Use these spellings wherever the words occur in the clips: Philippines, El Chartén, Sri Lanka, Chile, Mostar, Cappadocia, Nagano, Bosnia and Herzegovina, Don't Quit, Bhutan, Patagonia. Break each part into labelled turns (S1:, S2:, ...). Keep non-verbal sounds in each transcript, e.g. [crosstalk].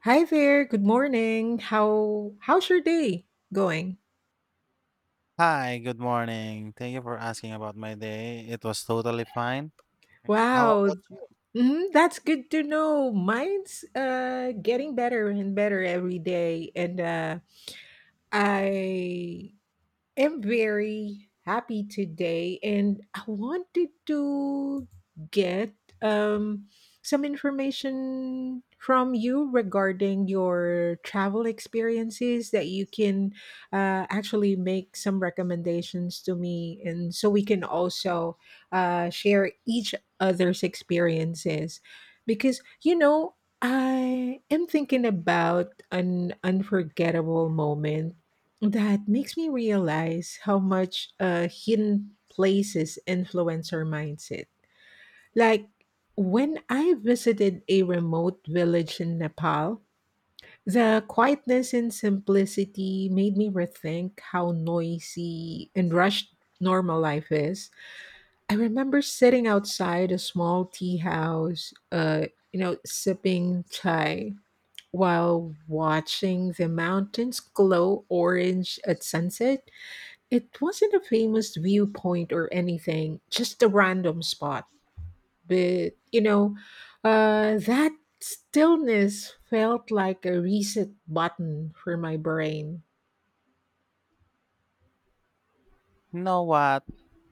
S1: Hi there. Good morning. How's your day going?
S2: Hi, good morning. Thank you for asking about my day. It was totally fine. And how
S1: Wow.
S2: about you?
S1: Mhm, that's good to know. Mine's getting better and better every day, and I am very happy today, and I wanted to get um, some information from you regarding your travel experiences that you can actually make some recommendations to me, and so we can also share each other's experiences because I am thinking about an unforgettable moment that makes me realize how much hidden places influence our mindset. Like when I visited a remote village in Nepal, the quietness and simplicity made me rethink how noisy and rushed normal life is. I remember sitting outside a small tea house, sipping chai while watching the mountains glow orange at sunset. It wasn't a famous viewpoint or anything, just a random spot. But that stillness felt like a reset button for my brain.
S2: You know what?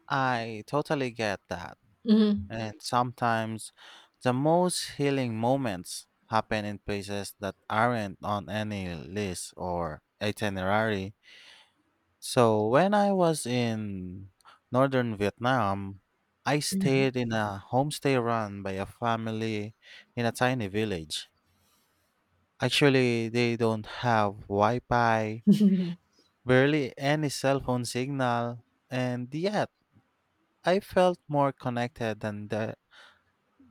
S2: I totally get that.
S1: Mhm. [laughs]
S2: And sometimes the most healing moments happen in places that aren't on any list or itinerary. So when I was in northern Vietnam, I stayed in a homestay run by a family in a tiny village. Actually, they don't have Wi Fi, barely any cell phone signal, and yet I felt more connected than the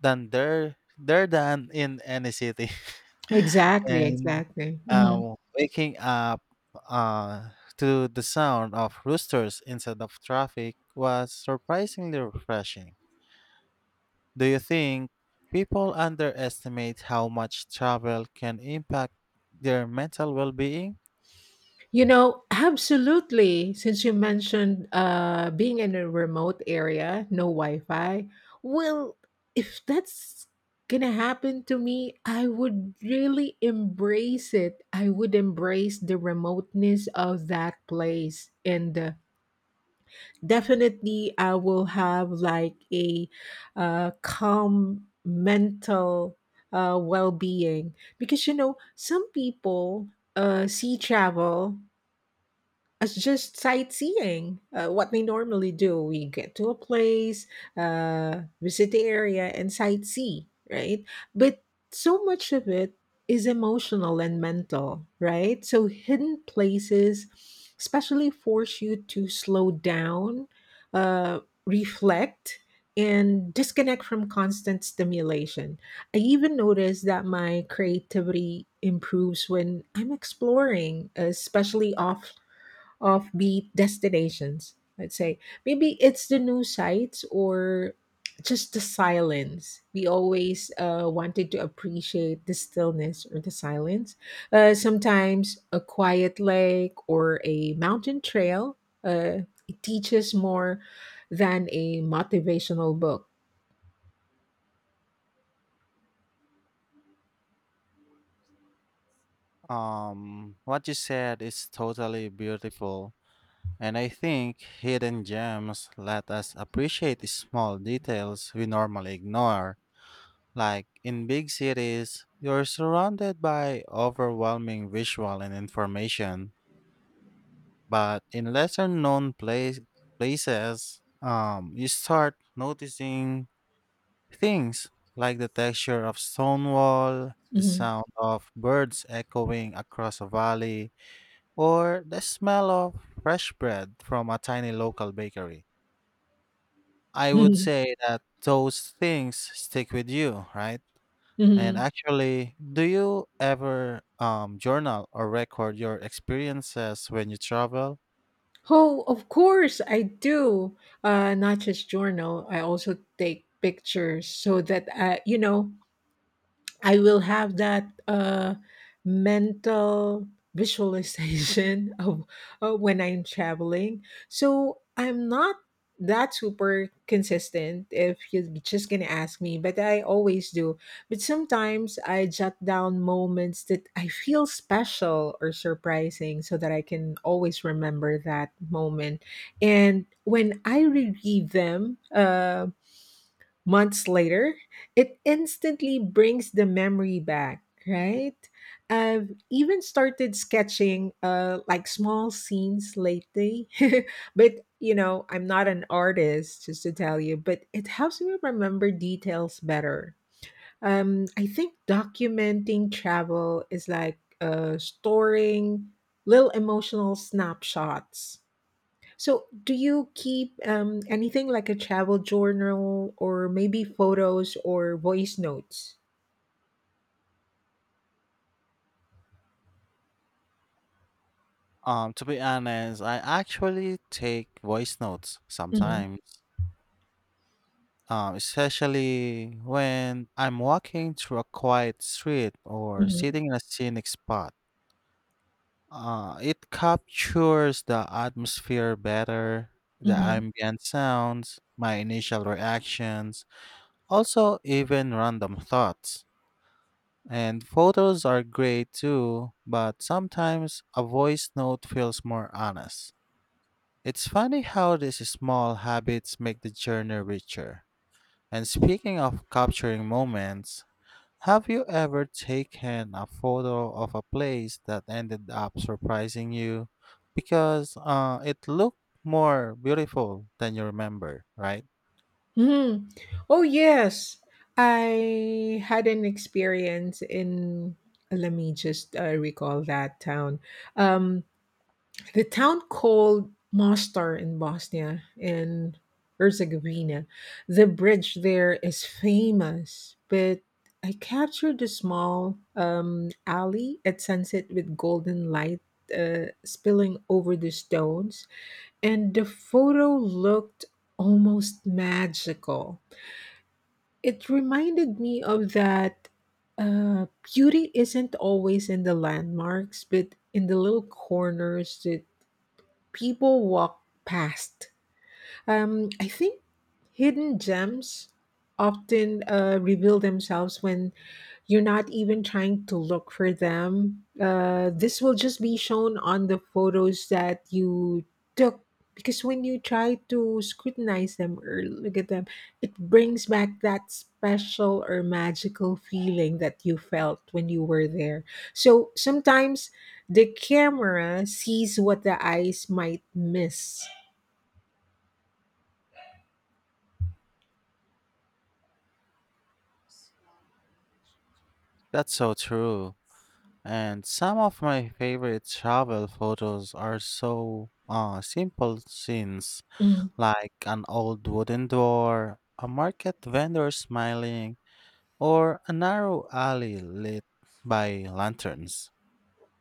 S2: than there there than in any city.
S1: Right.
S2: [laughs]
S1: Exactly,
S2: And
S1: exactly. Mhm.
S2: waking up uh, to the sound of roosters instead of traffic was surprisingly refreshing. Do you think people underestimate how much travel can impact their mental well being?
S1: Absolutely. Since you mentioned being in a remote area, no Wi Fi. Well, if that's going to happen to me, I would really embrace it. I would embrace the remoteness of that place. And definitely, I will have like a calm mental well being. Because some people see travel, it's just sightseeing. What we normally do, we get to a place, visit the area, and sightsee, right? But so much of it is emotional and mental, right? So hidden places, especially, force you to slow down, uh, reflect, and disconnect from constant stimulation. I even notice that my creativity improves when I'm exploring, especially offbeat destinations, let's say. Maybe it's the new sights or just the silence. We always wanted to appreciate the stillness or the silence. Sometimes a quiet lake or a mountain trail, it teaches more than a motivational book.
S2: What you said is totally beautiful, and I think hidden gems let us appreciate the small details we normally ignore. Like in big cities, you're surrounded by overwhelming visual and information, but in lesser known places, you start noticing things like the texture of stone wall, the
S1: Mhm,
S2: sound of birds echoing across a valley, or the smell of fresh bread from a tiny local bakery. I would
S1: mhm,
S2: say that those things stick with you, right? And
S1: mhm. [laughs]
S2: actually, do you ever journal or record your experiences when you travel?
S1: Oh, of course I do. Not just journal. I also take pictures so that I will have that mental visualization [laughs] of when I'm traveling. So I'm not that super consistent if you're just gonna ask me, but I always do. But sometimes I jot down moments that I feel special or surprising so that I can always remember that moment. And when I relive them, months later, it instantly brings the memory back, right? I've even started sketching like small scenes lately. [laughs] But I'm not an artist just to tell you, but it helps me remember details better. I think documenting travel is like storing little emotional snapshots. So, do you keep anything like a travel journal or maybe photos or voice notes?
S2: To be honest, I actually take voice notes
S1: Hmm.
S2: sometimes, especially when I'm walking through a quiet street or
S1: Hmm.
S2: sitting in a scenic spot. It captures the atmosphere better, the
S1: Hmm.
S2: ambient sounds, my initial reactions, also even random thoughts. And photos are great too, but sometimes a voice note feels more honest. It's funny how these small habits make the journey richer. And speaking of capturing moments, have you ever taken a photo of a place that ended up surprising you because it looked more beautiful than you remember, right?
S1: Hmm. Oh, yes. I had an experience in, let me just recall that town. Um, The town called Mostar in Bosnia and Herzegovina. The bridge there is famous, but I captured a small alley at sunset with golden light spilling over the stones, and the photo looked almost magical. It reminded me of that uh, beauty isn't always in the landmarks, but in the little corners that people walk past. I think hidden gems often reveal themselves when you're not even trying to look for them. This will just be shown on the photos that you took, because when you try to scrutinize them or look at them, it brings back that special or magical feeling that you felt when you were there. So sometimes the camera sees what the eyes might miss.
S2: That's so true. And some of my favorite travel photos are so simple scenes
S1: Mm,
S2: like an old wooden door, a market vendor smiling, or a narrow alley lit by lanterns.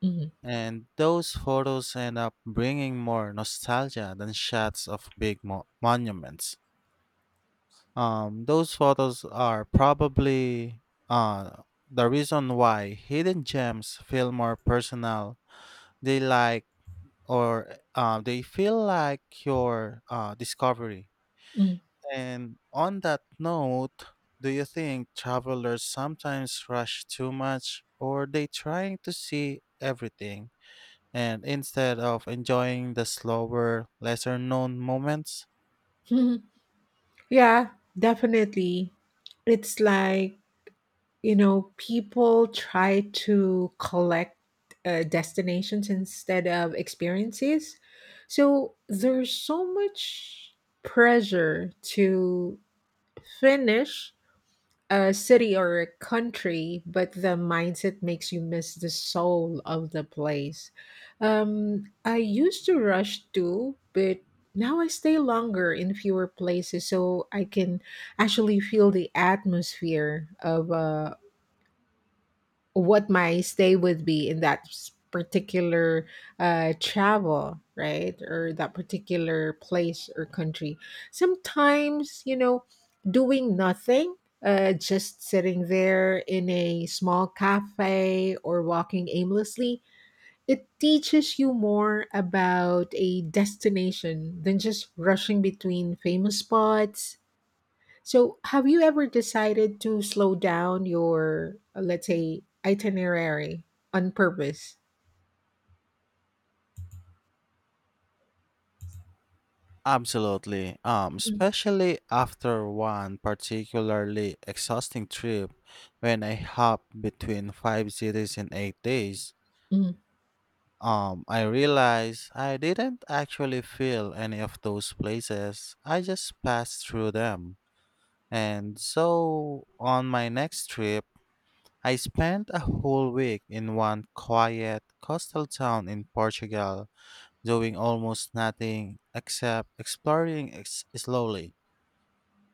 S1: mm,
S2: And those photos end up bringing more nostalgia than shots of big monuments. Those photos are probably uh, the reason why hidden gems feel more personal. They like they feel like your discovery.
S1: mm.
S2: And on that note, do you think travelers sometimes rush too much or they trying to see everything, and instead of enjoying the slower, lesser known moments?
S1: [laughs] Yeah, definitely. It's like people try to collect destinations instead of experiences. So there's so much pressure to finish a city or a country, but the mindset makes you miss the soul of the place. I used to rush too, but now I stay longer in fewer places so I can actually feel the atmosphere of a what my stay would be in that particular travel, right? Or that particular place or country. Sometimes doing nothing, just sitting there in a small cafe or walking aimlessly, it teaches you more about a destination than just rushing between famous spots. So, have you ever decided to slow down your, let's say, itinerary on purpose?
S2: Absolutely. Especially after one particularly exhausting trip when I hopped between five cities in 8 days.
S1: Mm,
S2: I realized I didn't actually feel any of those places. I just passed through them. And so on my next trip, I spent a whole week in one quiet coastal town in Portugal doing almost nothing except exploring slowly.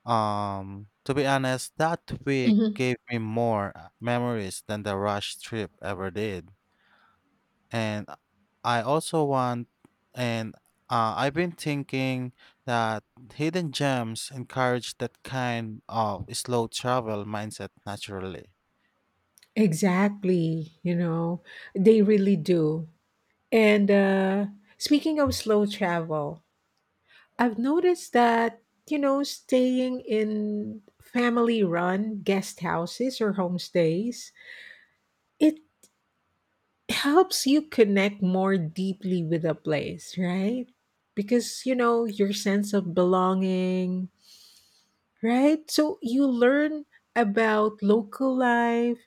S2: To be honest, that week
S1: mhm.
S2: gave me more memories than the rush trip ever did. And I also want, and I've been thinking that hidden gems encourage that kind of slow travel mindset naturally.
S1: Exactly. They really do. And speaking of slow travel, I've noticed that staying in family run guest houses or homestays, it helps you connect more deeply with a place, right? Because your sense of belonging, right? So you learn about local life,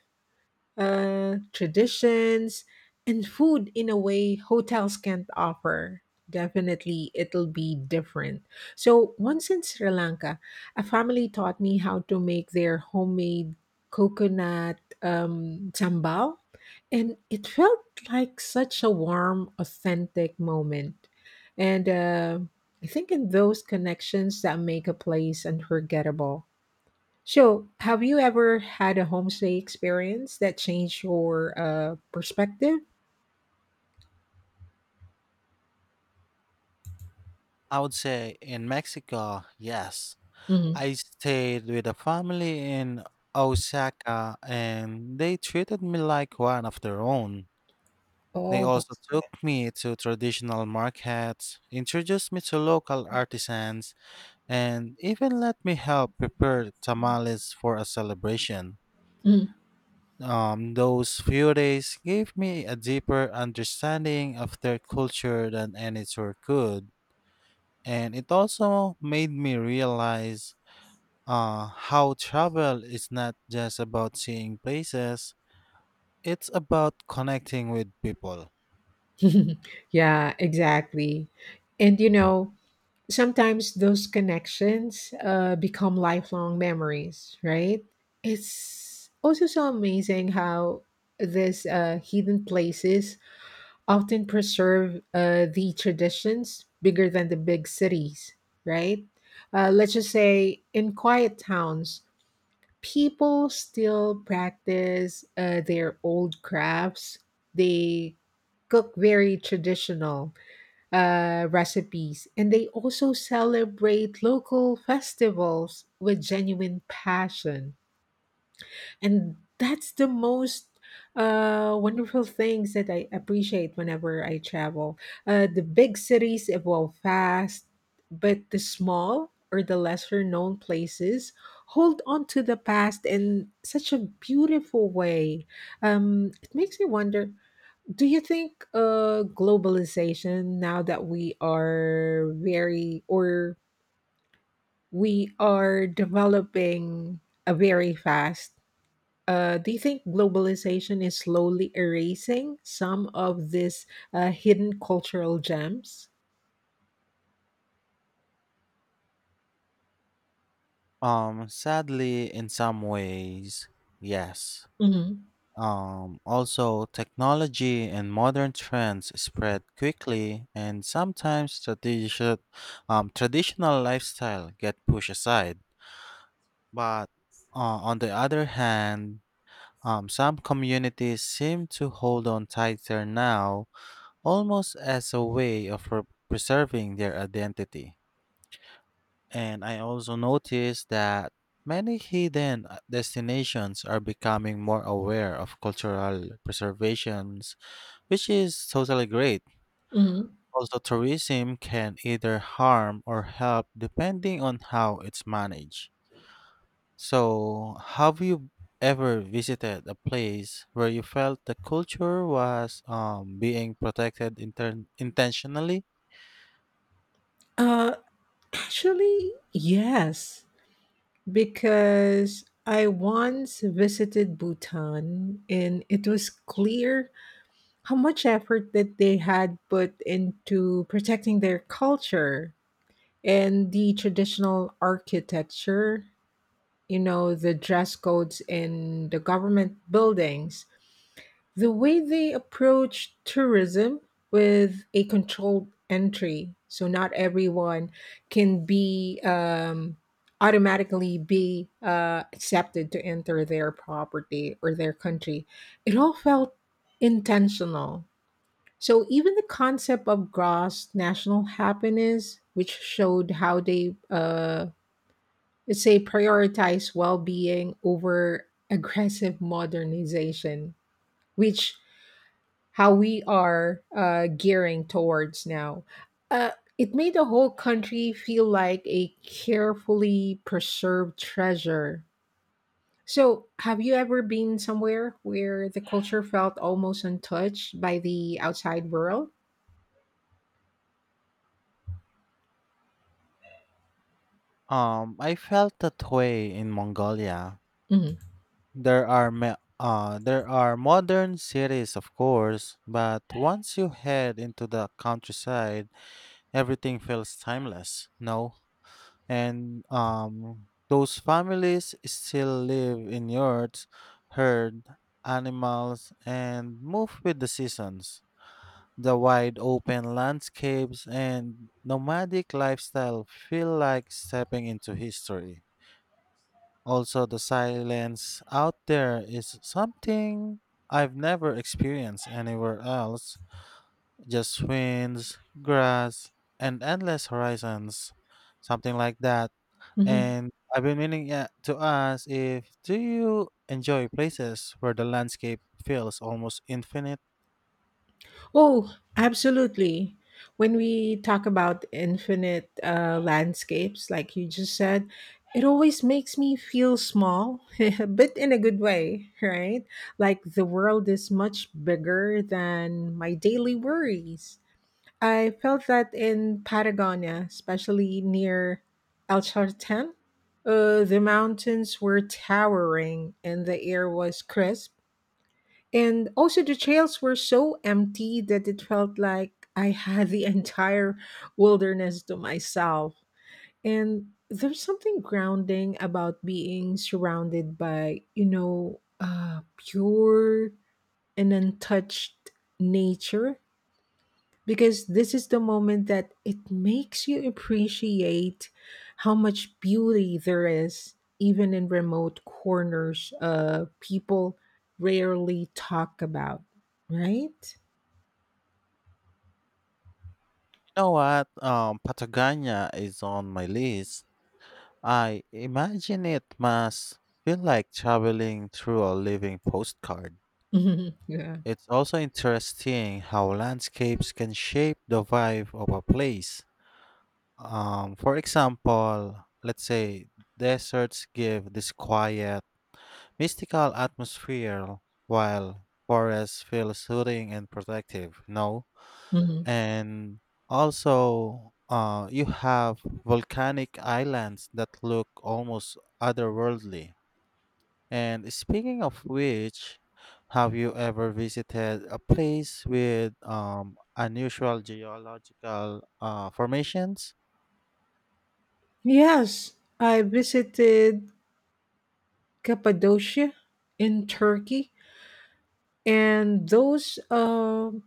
S1: traditions, and food in a way hotels can't offer. Definitely, it'll be different. So, once in Sri Lanka, a family taught me how to make their homemade coconut sambal, and it felt like such a warm, authentic moment. And I think in those connections that make a place unforgettable. So, have you ever had a homestay experience that changed your perspective?
S2: I would say in Mexico, yes,
S1: Hmm.
S2: I stayed with a family in Osaka and they treated me like one of their own. They
S1: Oh,
S2: also
S1: that's
S2: took me to traditional markets, introduced me to local artisans, and even let me help prepare tamales for a celebration.
S1: good.
S2: Those few days gave me a deeper understanding of their culture than any tour could, and it also made me realize how travel is not just about seeing places, it's about connecting with people.
S1: Mhm. [laughs] Yeah, exactly. And sometimes those connections become lifelong memories, right? It's also so amazing how this hidden places often preserve the traditions bigger than the big cities, right? Let's just say in quiet towns, people still practice their old crafts. They cook very traditional recipes, and they also celebrate local festivals with genuine passion, and that's the most wonderful things that I appreciate whenever I travel. The big cities evolve fast, but the small or the lesser known places hold on to the past in such a beautiful way. It makes me wonder, do you think globalization, now that we are very, or we are developing a very fast, do you think globalization is slowly erasing some of these hidden cultural gems?
S2: Sadly, in some ways, yes.
S1: Hmm.
S2: Also, technology and modern trends spread quickly, and sometimes traditional lifestyle get pushed aside. But on the other hand, some communities seem to hold on tighter now almost as a way of preserving their identity. And I also noticed that many hidden destinations are becoming more aware of cultural preservations, which is totally great.
S1: Hmm.
S2: Also, tourism can either harm or help depending on how it's managed. So, have you ever visited a place where you felt the culture was being protected intentionally?
S1: Uh, Actually, yes, because I once visited Bhutan, and it was clear how much effort that they had put into protecting their culture and the traditional architecture, the dress codes in the government buildings. The way they approach tourism with a controlled entry, so not everyone can be automatically be accepted to enter their property or their country. It all felt intentional. So even the concept of gross national happiness, which showed how they let's say prioritize well-being over aggressive modernization, which how we are gearing towards now. Uh, it made the whole country feel like a carefully preserved treasure. So, have you ever been somewhere where the culture felt almost untouched by the outside world?
S2: I felt that way in Mongolia.
S1: Hmm.
S2: There are modern cities, of course, but once you head into the countryside, everything feels timeless. No, and those families still live in yurts, herd animals, and move with the seasons. The wide open landscapes and nomadic lifestyle feel like stepping into history. Also, the silence out there is something I've never experienced anywhere else. Just winds, grass, and endless horizons. Something like that. And I've been meaning, yeah, to ask if do you enjoy places where the landscape feels almost infinite?
S1: Oh, absolutely. When we talk about infinite landscapes, like you just said, it always makes me feel small, [laughs] but in a good way, right? Like the world is much bigger than my daily worries. I felt that in Patagonia, especially near El Chartén. The mountains were towering and the air was crisp, and also, the trails were so empty that it felt like I had the [laughs] entire wilderness to myself. And there's something grounding about being surrounded by, pure and untouched nature, because this is the moment that it makes you appreciate how much beauty there is even in remote corners people rarely talk about, right?
S2: You know what? Patagonia is on my list. I imagine it must feel like traveling through a living postcard.
S1: Mhm. Yeah.
S2: It's also interesting how landscapes can shape the vibe of a place. For example, let's say deserts give this quiet, mystical atmosphere, while forests feel soothing and protective. No,
S1: Hmm.
S2: and also you have volcanic islands that look almost otherworldly. And speaking of which, have you ever visited a place with unusual geological formations?
S1: Yes, I visited Cappadocia in Turkey, and those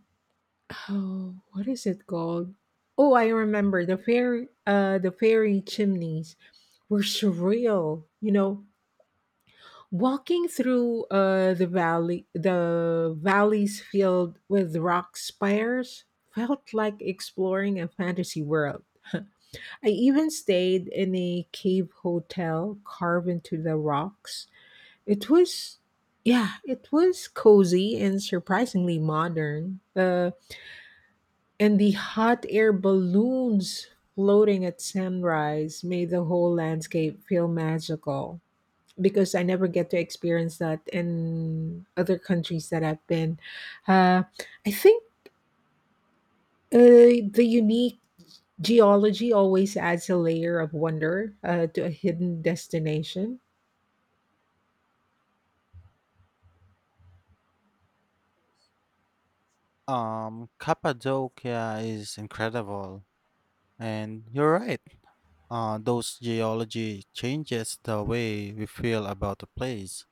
S1: oh, what is it called, oh, I remember, the fairy chimneys were surreal. Walking through the valleys filled with rock spires, felt like exploring a fantasy world. I even stayed in a cave hotel carved into the rocks. It was, yeah, it was cozy and surprisingly modern. And the hot air balloons floating at sunrise made the whole landscape feel magical, because I never get to experience that in other countries that I've been. Uh, I think the unique geology always adds a layer of wonder to a hidden destination.
S2: Cappadocia is incredible. And you're right, those geology changes the way we feel about a place.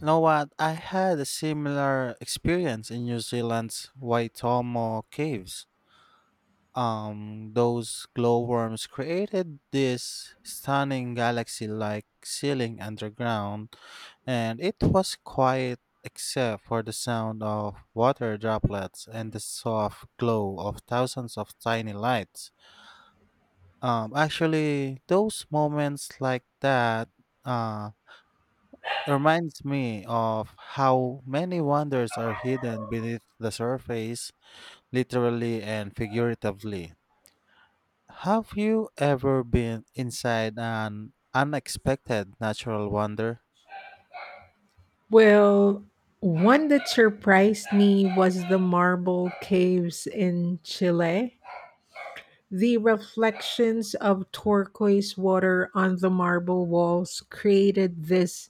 S2: You know what? I had a similar experience in New Zealand's Waitomo Caves. Those glowworms created this stunning galaxy like ceiling underground, and it was quiet except for the sound of water droplets and the soft glow of thousands of tiny lights. Actually, those moments like that uh reminds me of how many wonders are hidden beneath the surface, literally and figuratively. Have you ever been inside an unexpected natural wonder?
S1: Well, one that surprised me was the marble caves in Chile. The reflections of turquoise water on the marble walls created this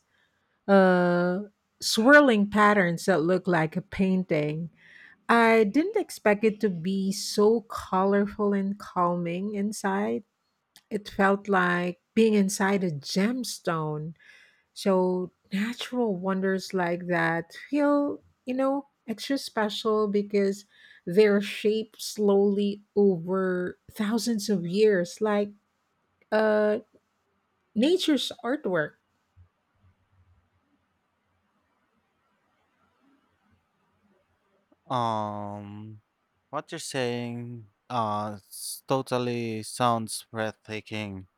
S1: uh, swirling patterns that look like a painting. I didn't expect it to be so colorful and calming inside. It felt like being inside a gemstone. So natural wonders like that feel extra special because they're shaped slowly over thousands of years, like uh nature's artwork.
S2: Um, what you're saying totally sounds breathtaking,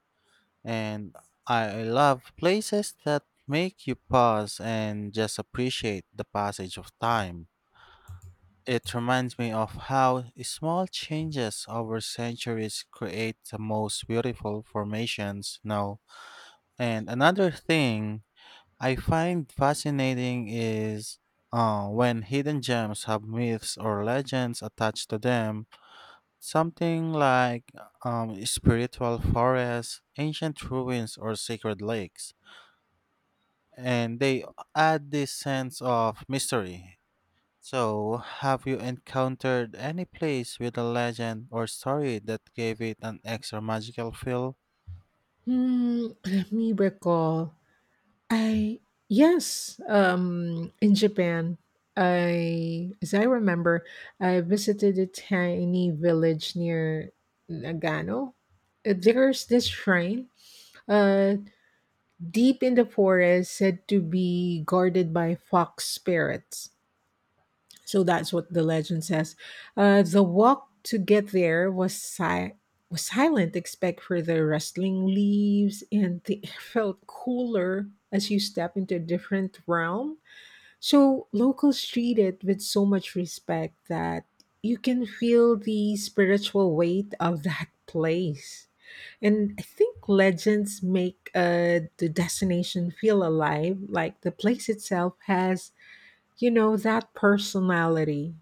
S2: and I love places that make you pause and just appreciate the passage of time. It reminds me of how small changes over centuries create the most beautiful formations now. And another thing I find fascinating is when hidden gems have myths or legends attached to them, something like spiritual forests, ancient ruins, or sacred lakes, and they add this sense of mystery. So, have you encountered any place with a legend or story that gave it an extra magical feel?
S1: Hmm, [clears throat] let me recall. I Yes, in Japan, I as I remember, I visited a tiny village near Nagano. There's this shrine, uh, deep in the forest, said to be guarded by fox spirits. So that's what the legend says. The walk to get there was silent, except for the rustling leaves, and the [laughs] air felt cooler as you step into a different realm. So locals treat it with so much respect that you can feel the spiritual weight of that place. And I think legends make the destination feel alive, like the place itself has that personality.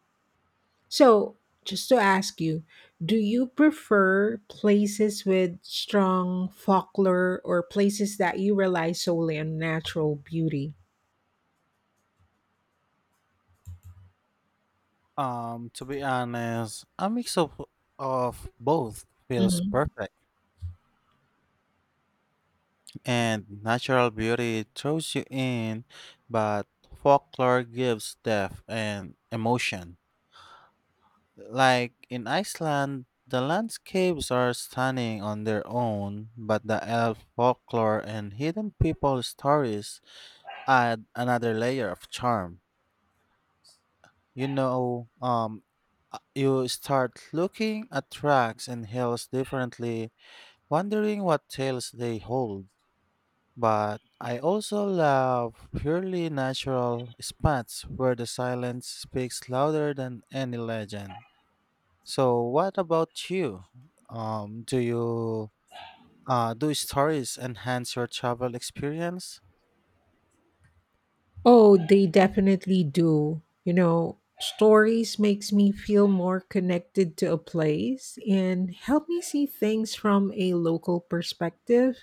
S1: So, just to ask you, do you prefer places with strong folklore or places that you rely solely on natural beauty?
S2: To be honest, a mix of both feels
S1: Mhm.
S2: perfect. And natural beauty throws you in, but folklore gives depth and emotion. Like in Iceland, the landscapes are stunning on their own, but the elf folklore and hidden people stories add another layer of charm. You know, um, you start looking at tracks and hills differently, wondering what tales they hold. But I also love purely natural spots where the silence speaks louder than any legend. So, what about you? Um, do you do stories enhance your travel experience?
S1: Oh, they definitely do. Stories makes me feel more connected to a place and help me see things from a local perspective.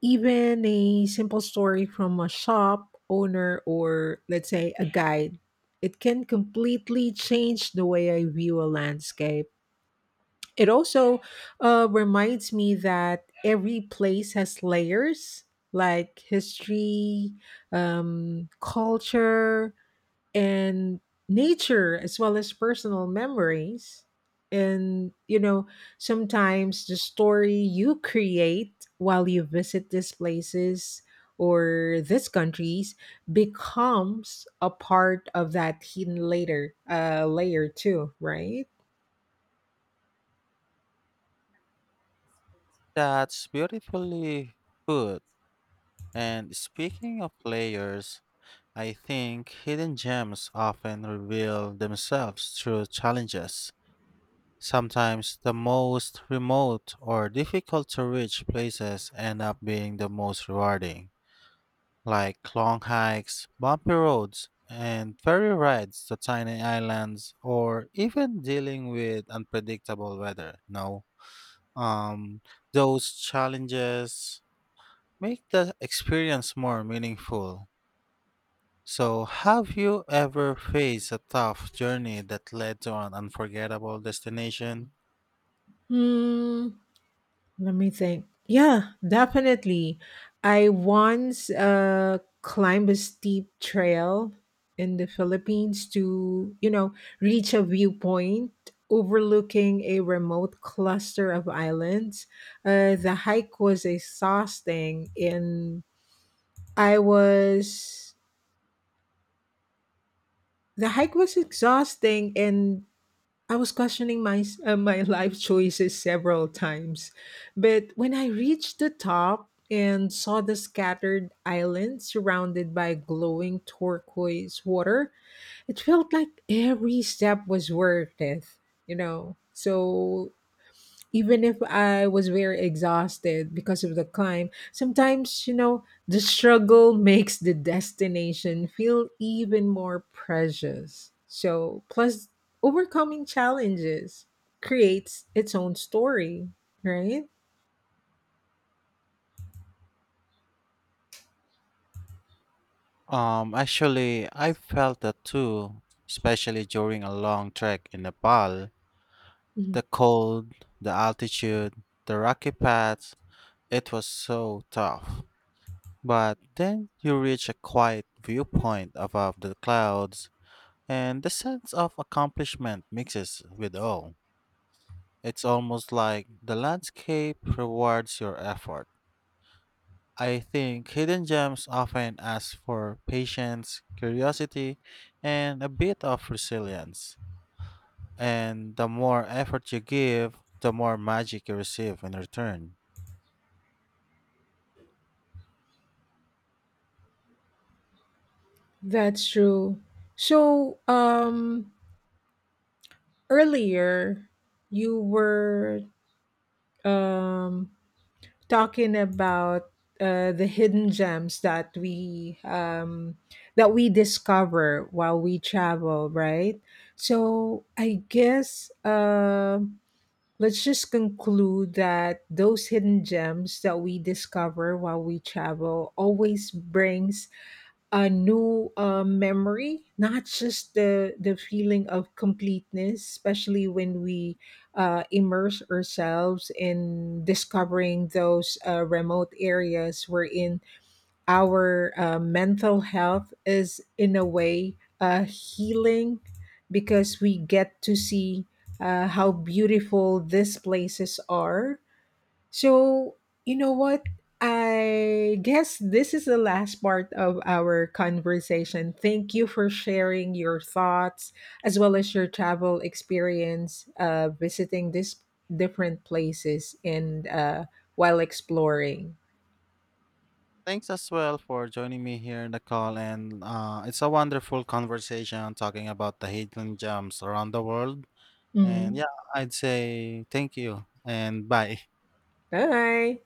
S1: Even a simple story from a shop owner or, let's say, a guide, it can completely change the way I view a landscape. It also reminds me that every place has layers like history, culture, and nature as well as personal memories. And sometimes the story you create while you visit these places or these countries becomes a part of that hidden later layer too, right?
S2: That's beautifully put. And speaking of layers, I think hidden gems often reveal themselves through challenges. Sometimes the most remote or difficult to reach places end up being the most rewarding, like long hikes, bumpy roads, and ferry rides to tiny islands, or even dealing with unpredictable weather. No, um, those challenges make the experience more meaningful. So, have you ever faced a tough journey that led to an unforgettable destination?
S1: Hmm. Let me think. Yeah, definitely. I once climbed a steep trail in the Philippines to reach a viewpoint overlooking a remote cluster of islands. The hike was exhausting, and I was the hike was exhausting, and I was questioning my [laughs] life choices several times, but when I reached the top and saw the scattered island surrounded by glowing turquoise water, it felt like every step was worth it. So even if I was very exhausted because of the climb, sometimes the struggle makes the destination feel even more precious. So, plus, overcoming challenges creates its own story, right?
S2: Actually, I felt that too, especially during a long trek in Nepal.
S1: Mhm.
S2: The cold, the altitude, the rocky paths, it was so tough. But then you reach a quiet viewpoint above the clouds, and the sense of accomplishment mixes with awe. It's almost like the landscape rewards your effort. I think hidden gems often ask for patience, curiosity, and a bit of resilience. And the more effort you give, the more magic you receive in return.
S1: That's true. So, earlier you were um talking about the hidden gems that we discover while we travel, right? So I guess let's just conclude that those hidden gems that we discover while we travel always brings a new memory, not just the feeling of completeness, especially when we immerse ourselves in discovering those remote areas wherein our mental health is in a way healing, because we get to see how beautiful these places are. So, you know what? I guess this is the last part of our conversation. Thank you for sharing your thoughts as well as your travel experience, visiting these different places and while exploring.
S2: Thanks as well for joining me here in the call. And it's a wonderful conversation talking about the hidden gems around the world. And
S1: Mhm.
S2: yeah, I'd say thank you and bye.
S1: Bye.